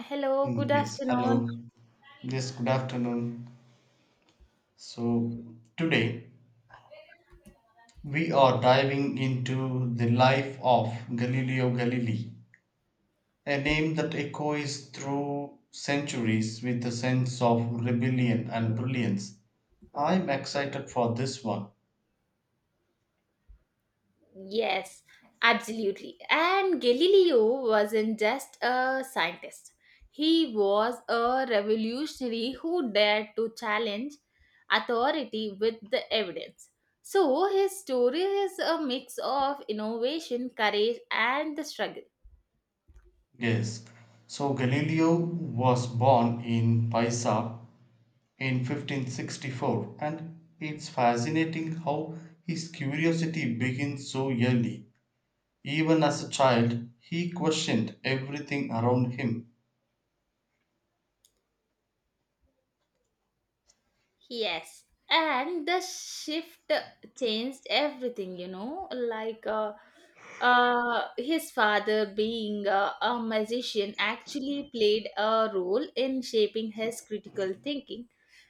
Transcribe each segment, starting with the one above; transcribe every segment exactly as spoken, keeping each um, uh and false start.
Hello, good Mm, yes, afternoon. hello. Yes, good afternoon. So, today we are diving into the life of Galileo Galilei, a name that echoes through centuries with a sense of rebellion and brilliance. I'm excited for this one. Yes, absolutely. And Galileo wasn't just a scientist, he was a revolutionary who dared to challenge authority with the evidence. So, his story is a mix of innovation, courage, and the struggle. Yes. So, Galileo was born in Pisa in fifteen sixty-four, and it's fascinating how his curiosity begins so early. Even as a child, he questioned everything around him. Yes, and the shift changed everything, you know, like uh, uh, his father being uh, a magician actually played a role in shaping his critical thinking.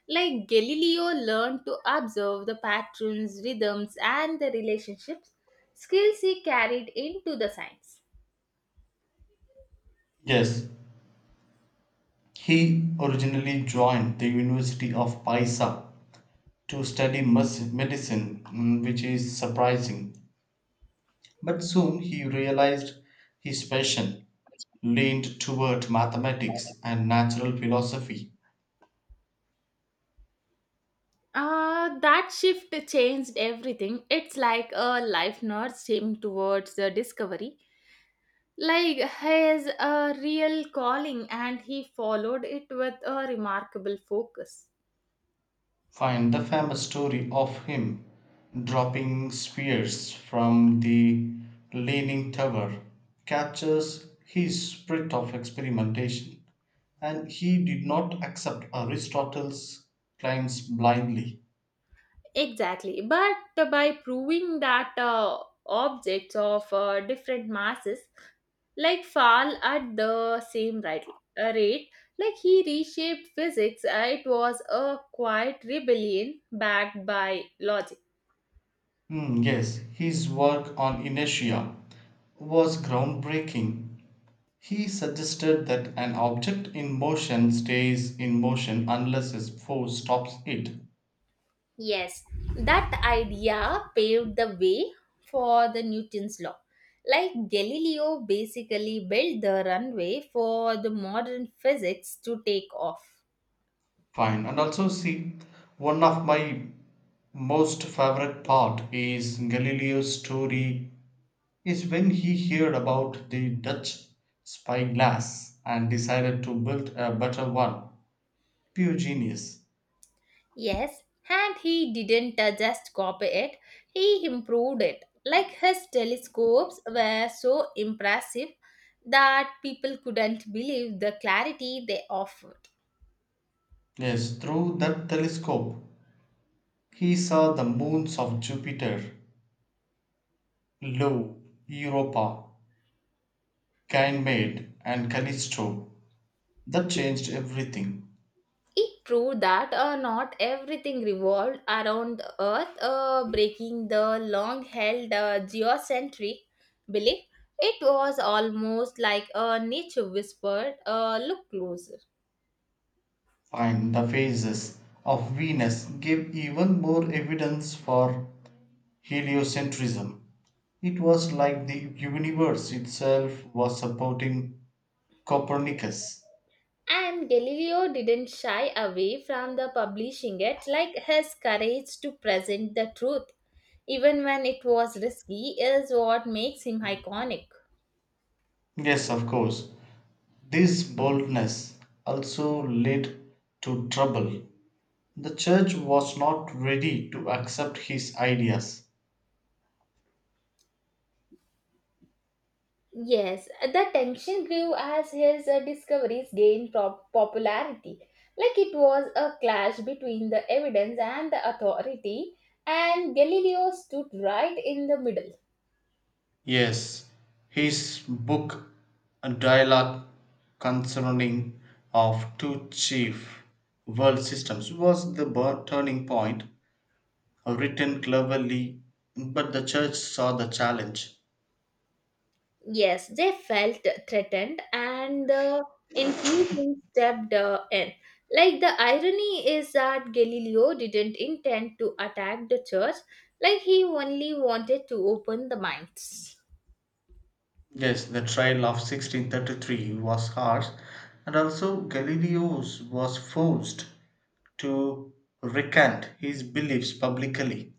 Like Galileo learned to observe the patterns, rhythms, and the relationships, skills he carried into the science. Yes, he originally joined the University of Pisa to study mes- medicine, mm, which is surprising. But soon he realized his passion leaned toward mathematics and natural philosophy. Uh, that shift changed everything. It's like a life nudged him towards the discovery. Like his a real calling, and he followed it with a remarkable focus. Find the famous story of him dropping spears from the Leaning Tower captures his spirit of experimentation, and he did not accept Aristotle's claims blindly. Exactly, but by proving that uh, objects of uh, different masses like fall at the same right, uh, rate, like he reshaped physics, uh, it was a quiet rebellion backed by logic. Mm, yes, his work on inertia was groundbreaking. He suggested that an object in motion stays in motion unless a force stops it. Yes, that idea paved the way for the Newton's law. Like Galileo basically built the runway for the modern physics to take off. Fine. And also, see, one of my most favorite part is Galileo's story is when he heard about the Dutch spyglass and decided to build a better one. Pure genius. Yes, and he didn't uh, just copy it, he improved it. Like his telescopes were so impressive that people couldn't believe the clarity they offered. Yes, through that telescope, he saw the moons of Jupiter: Lo, Europa, Ganymede, and Callisto. That changed everything. It proved that uh, not everything revolved around the Earth, uh, breaking the long held uh, geocentric belief. It was almost like a nature whispered, uh, look closer. And the phases of Venus give even more evidence for heliocentrism. It was like the universe itself was supporting Copernicus. And Galileo didn't shy away from the publishing it, like his courage to present the truth, even when it was risky, is what makes him iconic. Yes, of course, this boldness also led to trouble. The church was not ready to accept his ideas. Yes, the tension grew as his uh, discoveries gained prop- popularity. Like it was a clash between the evidence and the authority, and Galileo stood right in the middle. Yes, his book A Dialogue Concerning of Two Chief World Systems was the bur- turning point, written cleverly, but the church saw the challenge. Yes, they felt threatened, and the Inquisition stepped uh, in. Like the irony is that Galileo didn't intend to attack the church, like he only wanted to open the minds. Yes, the trial of sixteen thirty-three was harsh, and also Galileo was forced to recant his beliefs publicly.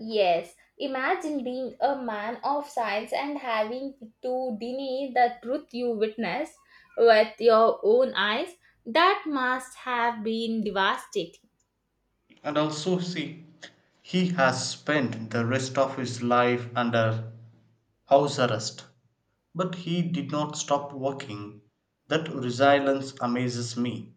Yes, imagine being a man of science and having to deny the truth you witness with your own eyes. That must have been devastating. And also, see, he has spent the rest of his life under house arrest. But he did not stop working. That resilience amazes me.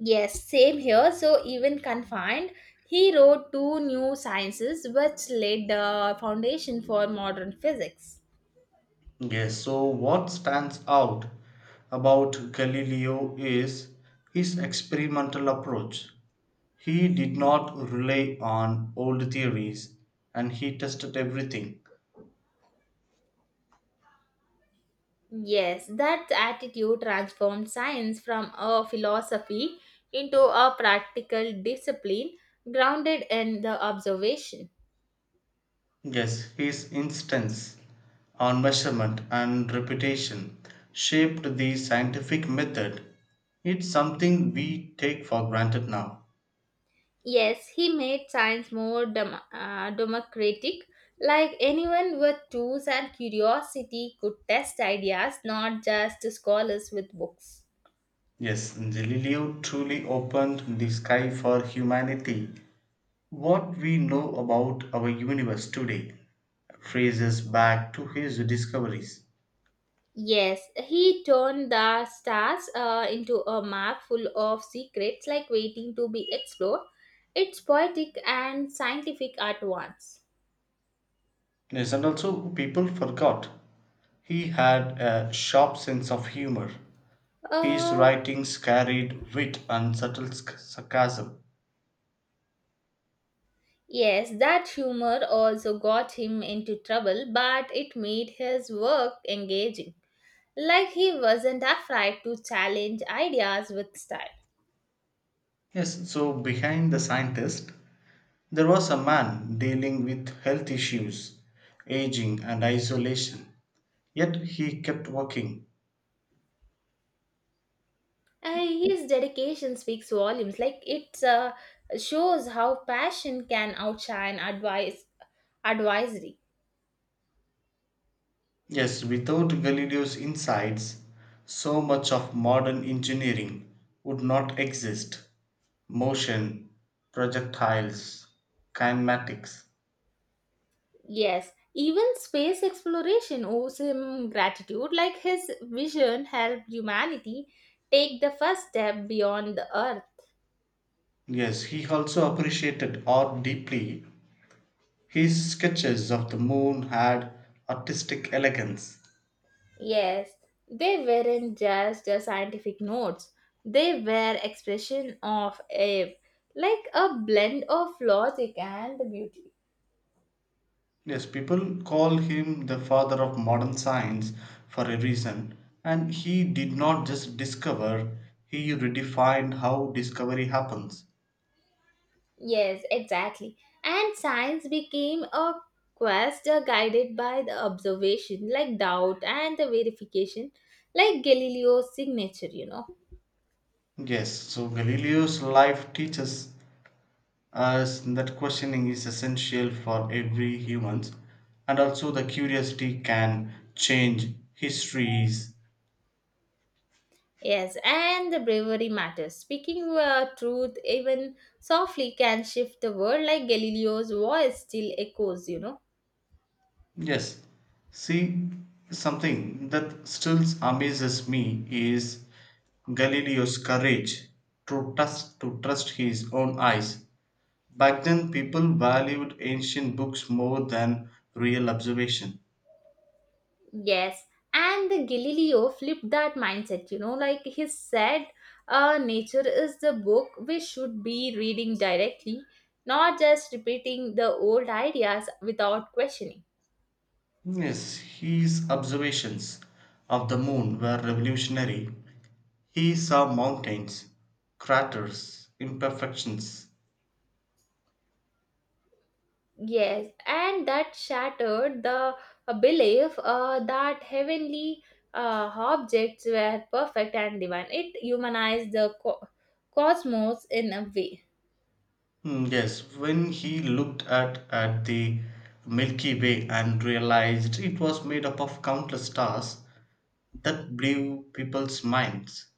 Yes, same here. So, even confined, he wrote two new sciences which laid the foundation for modern physics. Yes, so what stands out about Galileo is his experimental approach. He did not rely on old theories and he tested everything. Yes, that attitude transformed science from a philosophy into a practical discipline grounded in the observation. Yes, his instance on measurement and reputation shaped the scientific method. It's something we take for granted now. Yes, he made science more dem- uh, democratic, like anyone with tools and curiosity could test ideas, not just scholars with books. Yes, Galileo truly opened the sky for humanity. What we know about our universe today traces back to his discoveries. Yes, he turned the stars uh, into a map full of secrets like waiting to be explored. It's poetic and scientific at once. Yes, and also people forgot he had a sharp sense of humor. His Uh, writings carried wit and subtle sc- sarcasm. yes, that humor also got him into trouble, but it made his work engaging. Like he wasn't afraid to challenge ideas with style. Yes, so behind the scientist, there was a man dealing with health issues, aging, and isolation. Yet he kept working. And his dedication speaks volumes. Like it uh, shows how passion can outshine advice advisory. Yes, without Galileo's insights, so much of modern engineering would not exist. Motion, projectiles, kinematics. Yes, even space exploration owes him gratitude. Like his vision helped humanity take the first step beyond the Earth. Yes, he also appreciated art deeply. His sketches of the moon had artistic elegance. Yes, they weren't just uh, scientific notes. They were expression of a, like, a blend of logic and beauty. Yes, people call him the father of modern science for a reason. And he did not just discover, he redefined how discovery happens. Yes, exactly. And science became a quest uh, guided by the observation, like doubt and the verification, like Galileo's signature, you know. Yes, so Galileo's life teaches us that questioning is essential for every humans and also the curiosity can change histories. Yes, and the bravery matters. Speaking uh, truth even softly can shift the world, like Galileo's voice still echoes, you know. Yes. See, something that still amazes me is Galileo's courage to trust to trust his own eyes. Back then people valued ancient books more than real observation. Yes, and the Galileo flipped that mindset, you know, like he said, uh, nature is the book we should be reading directly, not just repeating the old ideas without questioning. Yes, his observations of the moon were revolutionary. He saw mountains, craters, imperfections. Yes, and that shattered the uh, belief uh, that heavenly uh, objects were perfect and divine. It humanized the co- cosmos in a way. Hmm, yes, when he looked at, at the Milky Way and realized it was made up of countless stars, that blew people's minds.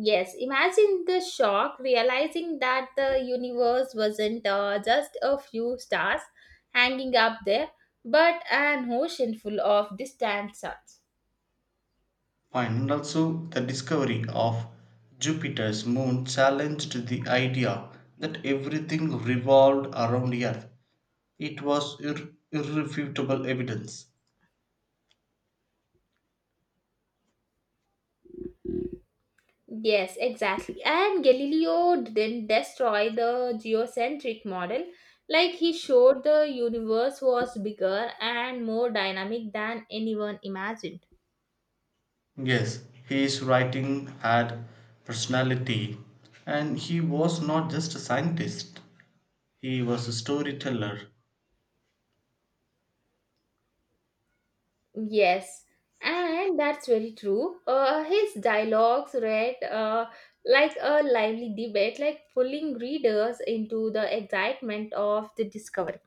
Yes, imagine the shock realizing that the universe wasn't uh, just a few stars hanging up there, but an ocean full of distant suns. And also, the discovery of Jupiter's moon challenged the idea that everything revolved around the Earth. It was ir- irrefutable evidence. Yes, exactly. And Galileo didn't destroy the geocentric model. Like he showed the universe was bigger and more dynamic than anyone imagined. Yes, his writing had personality, and he was not just a scientist, he was a storyteller. Yes, and that's very true. Uh, his dialogues read uh, like a lively debate, like pulling readers into the excitement of the discovery.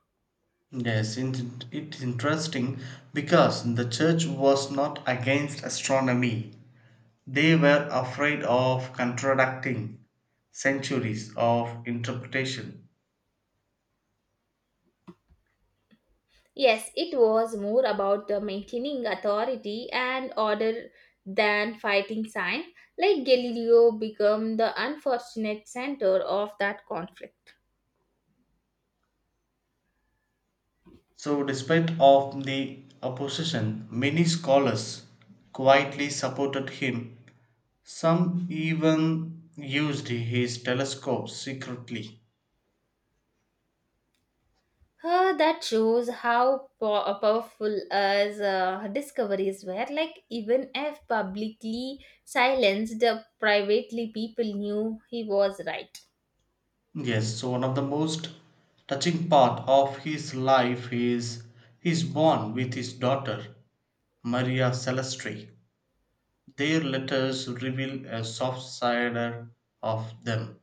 Yes, in- it's interesting because the church was not against astronomy, they were afraid of contradicting centuries of interpretation. Yes, it was more about the maintaining authority and order than fighting science. Like Galileo became the unfortunate center of that conflict. So, despite of the opposition, many scholars quietly supported him. Some even used his telescope secretly. Uh, that shows how po- uh, powerful as uh, discoveries were. Like even if publicly silenced, uh, privately people knew he was right. Yes, so one of the most touching part of his life is his bond with his daughter, Maria Celestri. Their letters reveal a soft side of them.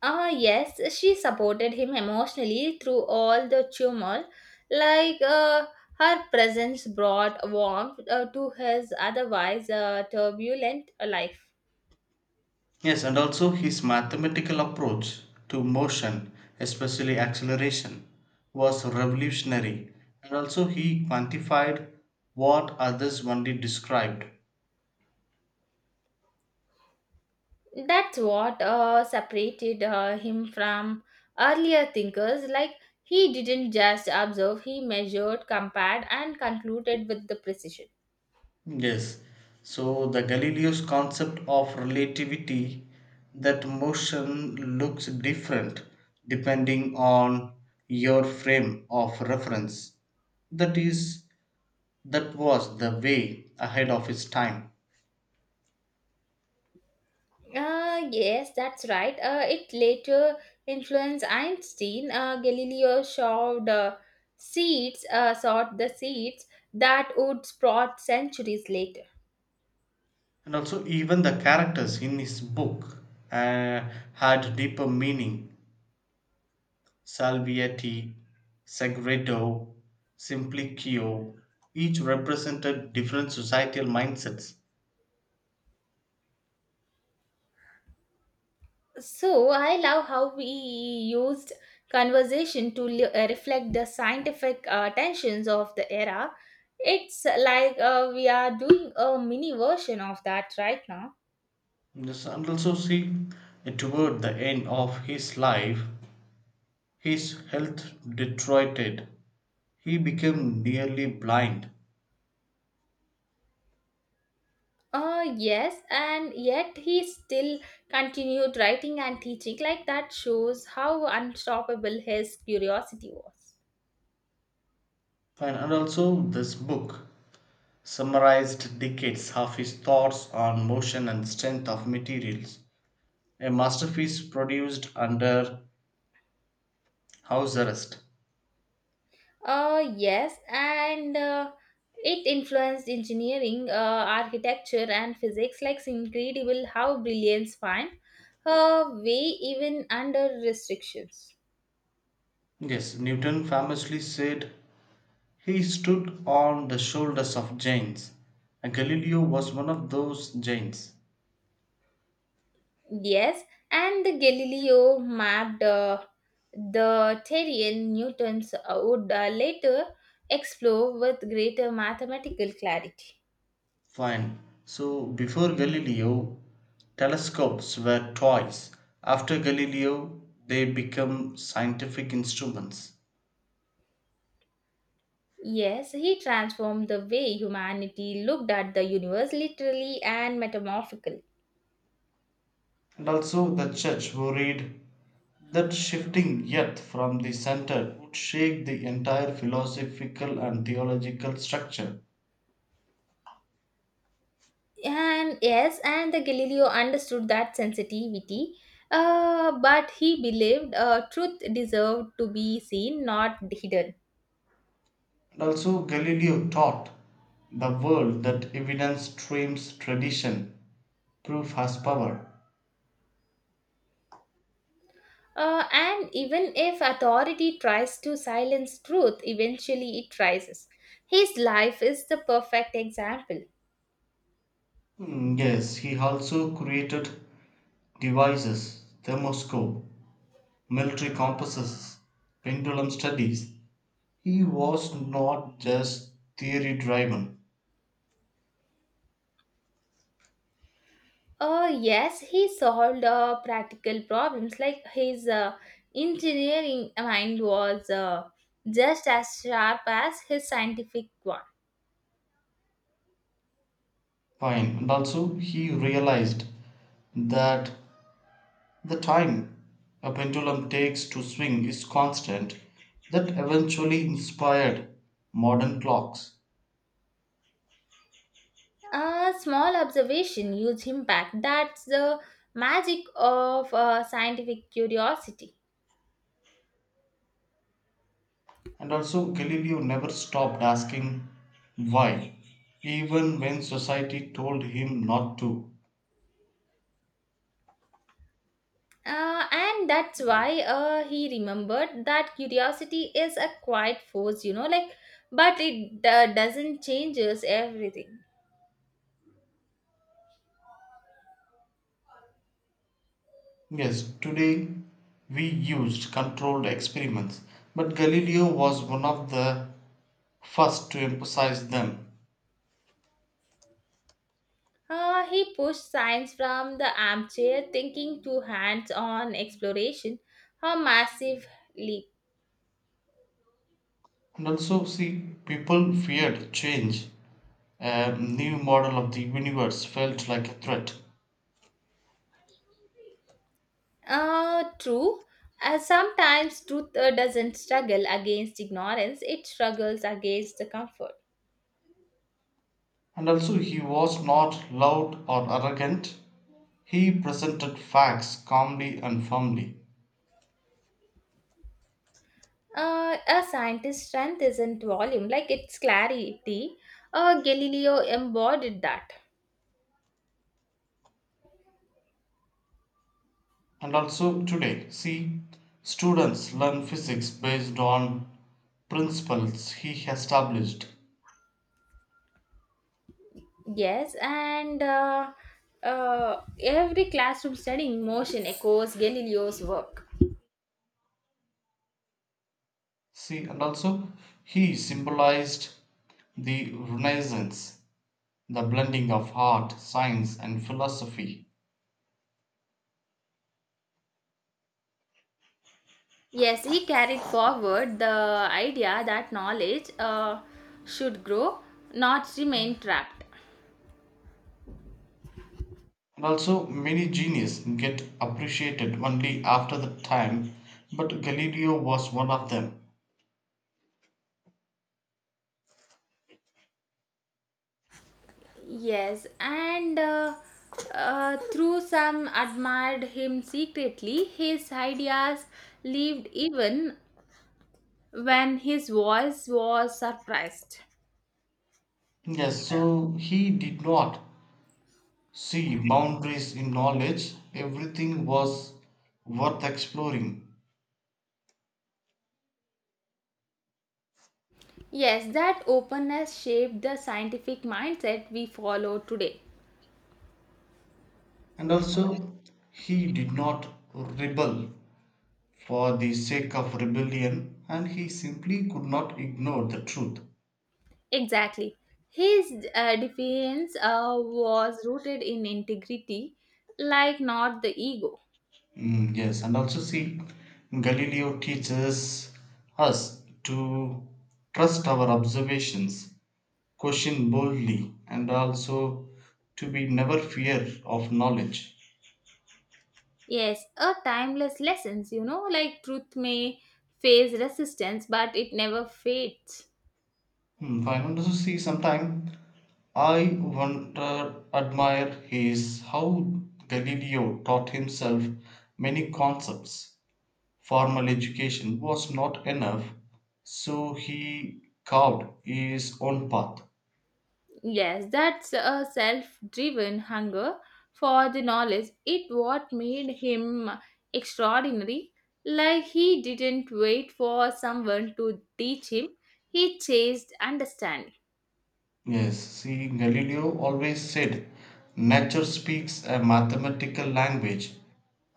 Ah, yes, she supported him emotionally through all the turmoil. Like uh, her presence brought warmth uh, to his otherwise uh, turbulent uh, life. Yes, and also his mathematical approach to motion, especially acceleration, was revolutionary. And also he quantified what others only described. That's what uh, separated uh, him from earlier thinkers. Like, he didn't just observe, he measured, compared, and concluded with the precision. Yes, so the Galileo's concept of relativity that motion looks different depending on your frame of reference. That is, that was the way ahead of its time. Uh, yes, that's right. Uh, it later influenced Einstein. Uh, Galileo showed uh, seeds, uh, sought the seeds that would sprout centuries later. And also, even the characters in his book uh, had deeper meaning. Salviati, Segredo, Simplicio each represented different societal mindsets. So I love how we used conversation to le- uh, reflect the scientific uh, tensions of the era. It's like uh, we are doing a mini version of that right now. Yes, and also see uh, toward the end of his life, his health deteriorated. He became nearly blind. Uh, yes, and yet he still continued writing and teaching. Like that shows how unstoppable his curiosity was. And, and also, this book summarized decades of his thoughts on motion and strength of materials, a masterpiece produced under house arrest. Uh, yes, and uh, it influenced engineering, uh, architecture, and physics. Like, it's incredible how brilliance find her way even under restrictions. Yes, Newton famously said he stood on the shoulders of giants. And Galileo was one of those giants. Yes, and the Galileo mapped uh, the terrain Newton's would uh, later explore with greater mathematical clarity. Fine. So before Galileo, telescopes were toys. After Galileo, they become scientific instruments. Yes, he transformed the way humanity looked at the universe, literally and metamorphical. And also, the church worried that shifting yet from the center would shake the entire philosophical and theological structure. And yes, and the Galileo understood that sensitivity, uh, but he believed uh, truth deserved to be seen, not hidden. And also, Galileo taught the world that evidence trumps tradition, proof has power. Uh, and even if authority tries to silence truth, eventually it rises. His life is the perfect example. Mm, yes, he also created devices, thermoscope, military compasses, pendulum studies. He was not just theory driven. Uh, yes, he solved uh, practical problems like his uh, engineering mind was uh, just as sharp as his scientific one. Fine. And also, he realized that the time a pendulum takes to swing is constant, that eventually inspired modern clocks. A small observation, huge impact. That's the magic of uh, scientific curiosity. And also, Galileo never stopped asking why, even when society told him not to. Uh, and that's why uh, he remembered that curiosity is a quiet force, you know, like, but it uh, doesn't changes everything. Yes, today we used controlled experiments, but Galileo was one of the first to emphasize them. Uh, he pushed science from the armchair thinking to hands on exploration, a massive leap. And also, see, people feared change. A new model of the universe felt like a threat. Uh, true. Uh, sometimes truth uh, doesn't struggle against ignorance, it struggles against the comfort. And also, he was not loud or arrogant. He presented facts calmly and firmly. Uh, a scientist's strength isn't volume, like it's clarity. Uh, Galileo embodied that. And also, today, see, students learn physics based on principles he established. Yes, and uh, uh, every classroom studying motion echoes Galileo's work. See, and also he symbolized the Renaissance, the blending of art, science, and philosophy. Yes, he carried forward the idea that knowledge uh, should grow, not remain trapped. And also, many genius get appreciated only after the time, but Galileo was one of them. Yes, and uh, uh, through some admired him secretly, his ideas lived even when his voice was suppressed. Yes, so he did not see boundaries in knowledge, everything was worth exploring. Yes, that openness shaped the scientific mindset we follow today. And also, he did not rebel for the sake of rebellion and he simply could not ignore the truth. Exactly. His uh, defense uh, was rooted in integrity, like not the ego. Mm, yes, and also see, Galileo teaches us to trust our observations, question boldly, and also to be never fear of knowledge. Yes, a timeless lessons, you know, like truth may face resistance, but it never fades. Hmm, I. And also see, sometime I wonder, admire his how Galileo taught himself many concepts. Formal education was not enough, so he carved his own path. Yes, that's a self-driven hunger for the knowledge. It what made him extraordinary. Like he didn't wait for someone to teach him. He chased understanding. Yes, see, Galileo always said nature speaks a mathematical language.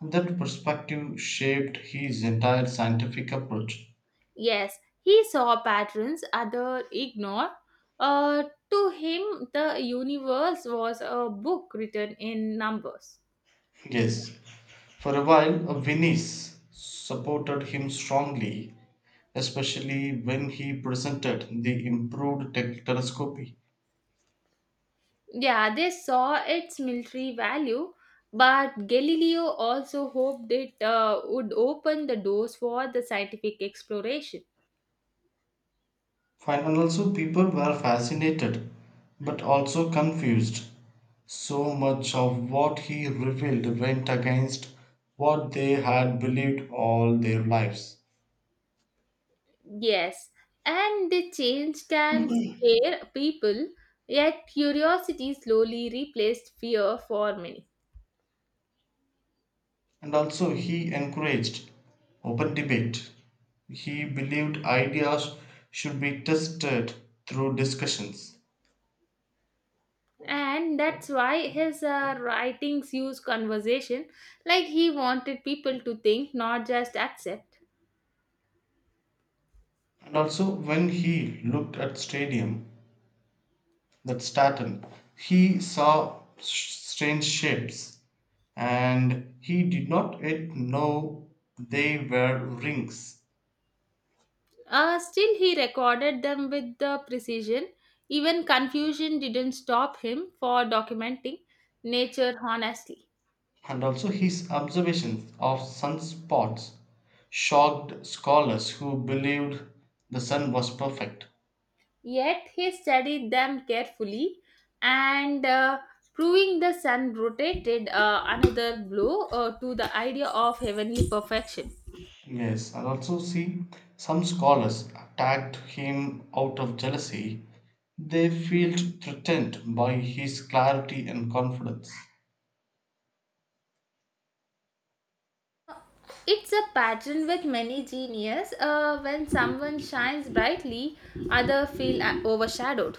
That perspective shaped his entire scientific approach. Yes, he saw patterns other ignore. Uh, to him, the universe was a book written in numbers. Yes, for a while, uh, Venice supported him strongly, especially when he presented the improved te- telescope. Yeah, they saw its military value, but Galileo also hoped it uh, would open the doors for the scientific exploration. Fine, and also people were fascinated but also confused. So much of what he revealed went against what they had believed all their lives. Yes, and the change can scare people, yet curiosity slowly replaced fear for many. And also, he encouraged open debate. He believed ideas should be tested through discussions. And that's why his uh, writings use conversation like he wanted people to think, not just accept. And also, when he looked at stadium, that Staten, he saw s- strange shapes and he did not yet know they were rings. Uh, still, he recorded them with the precision. Even confusion didn't stop him for documenting nature honestly. And also his observations of sunspots shocked scholars who believed the sun was perfect. Yet, he studied them carefully and uh, proving the sun rotated uh, another blow uh, to the idea of heavenly perfection. Yes, and also see some scholars attacked him out of jealousy. They felt threatened by his clarity and confidence. It's a pattern with many genius. Uh, when someone shines brightly, others feel uh, overshadowed.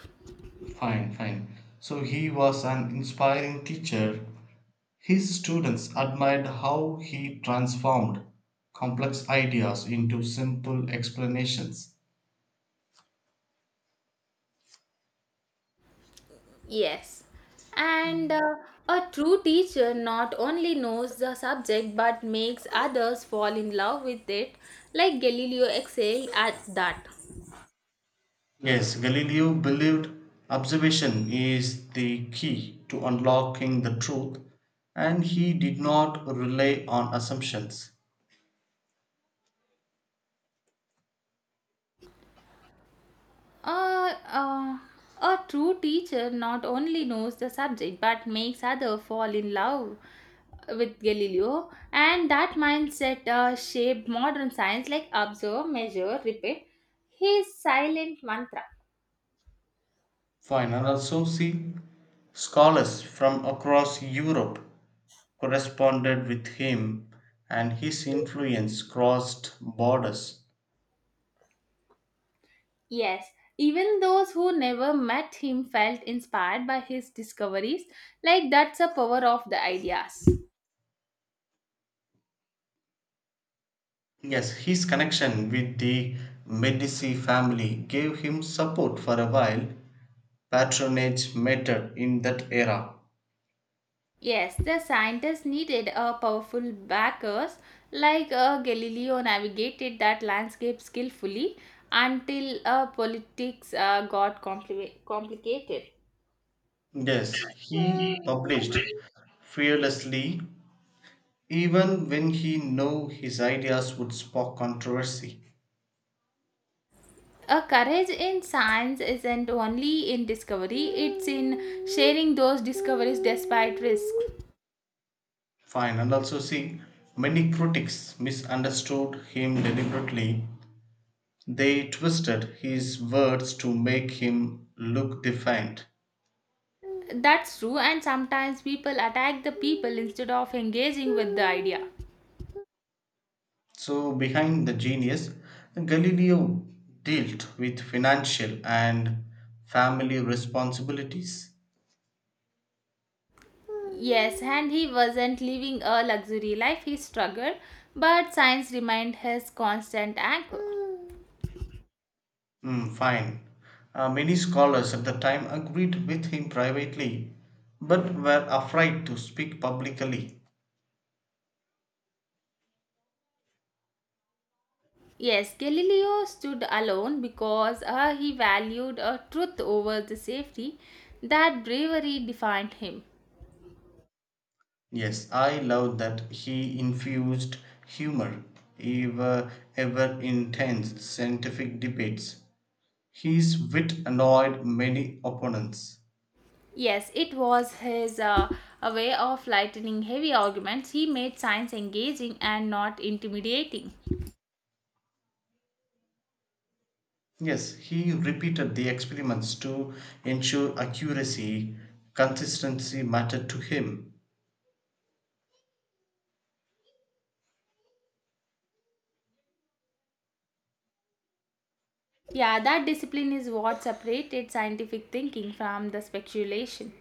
Fine fine so he was an inspiring teacher. His students admired how he transformed complex ideas into simple explanations. Yes. And uh, a true teacher not only knows the subject but makes others fall in love with it, like Galileo excelled at that. Yes, Galileo believed observation is the key to unlocking the truth, and he did not rely on assumptions. Uh, uh, a true teacher not only knows the subject but makes others fall in love with Galileo, and that mindset uh, shaped modern science like observe, measure, repeat. His silent mantra. Fine, and also see scholars from across Europe corresponded with him, and his influence crossed borders. Yes, even those who never met him felt inspired by his discoveries, like that's the power of the ideas. Yes, his connection with the Medici family gave him support for a while. Patronage mattered in that era. Yes, the scientists needed a powerful backers like uh, Galileo navigated that landscape skillfully until uh, politics uh, got compli- complicated. Yes, he published fearlessly, even when he knew his ideas would spark controversy. A courage in science isn't only in discovery, it's in sharing those discoveries despite risk. Fine, and also see, many critics misunderstood him deliberately. They twisted his words to make him look defiant. That's true, and sometimes people attack the people instead of engaging with the idea. So, behind the genius, Galileo dealt with financial and family responsibilities. Yes, and he wasn't living a luxury life, he struggled, but science remained his constant anchor. Mm, fine. Uh, many scholars at the time agreed with him privately, but were afraid to speak publicly. Yes, Galileo stood alone because uh, he valued uh, truth over the safety. That bravery defined him. Yes, I love that he infused humor ever ever intense scientific debates. His wit annoyed many opponents. Yes, it was his uh, a way of lightening heavy arguments. He made science engaging and not intimidating. Yes, he repeated the experiments to ensure accuracy. Consistency mattered to him. Yeah, that discipline is what separated scientific thinking from the speculation.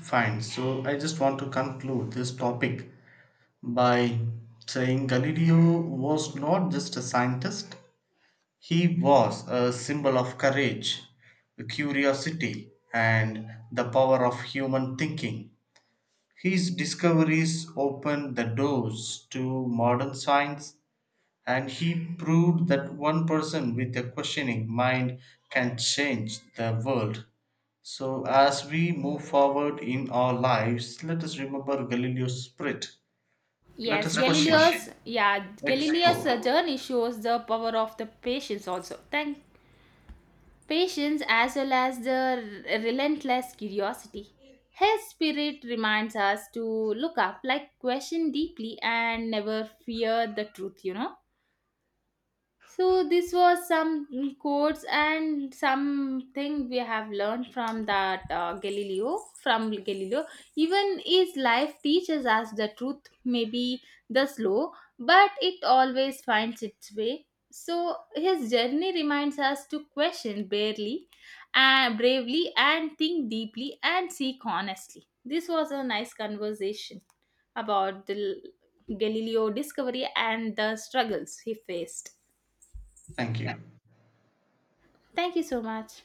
Fine, so I just want to conclude this topic by saying Galileo was not just a scientist, he was a symbol of courage, curiosity, and the power of human thinking. His discoveries opened the doors to modern science. And he proved that one person with a questioning mind can change the world. So, as we move forward in our lives, let us remember Galileo's spirit. Let Yes, Now, us question. question, Galileo's yeah, Galileo's explore. uh, journey shows the power of the patience also. Thank patience as well as the r- relentless curiosity. His spirit reminds us to look up, like question deeply and never fear the truth, you know. So this was some quotes and something we have learned from that uh, Galileo. From Galileo, even his life teaches us the truth, may be the slow, but it always finds its way. So his journey reminds us to question barely, and bravely, and think deeply and seek honestly. This was a nice conversation about the Galileo discovery and the struggles he faced. Thank you. Thank you so much.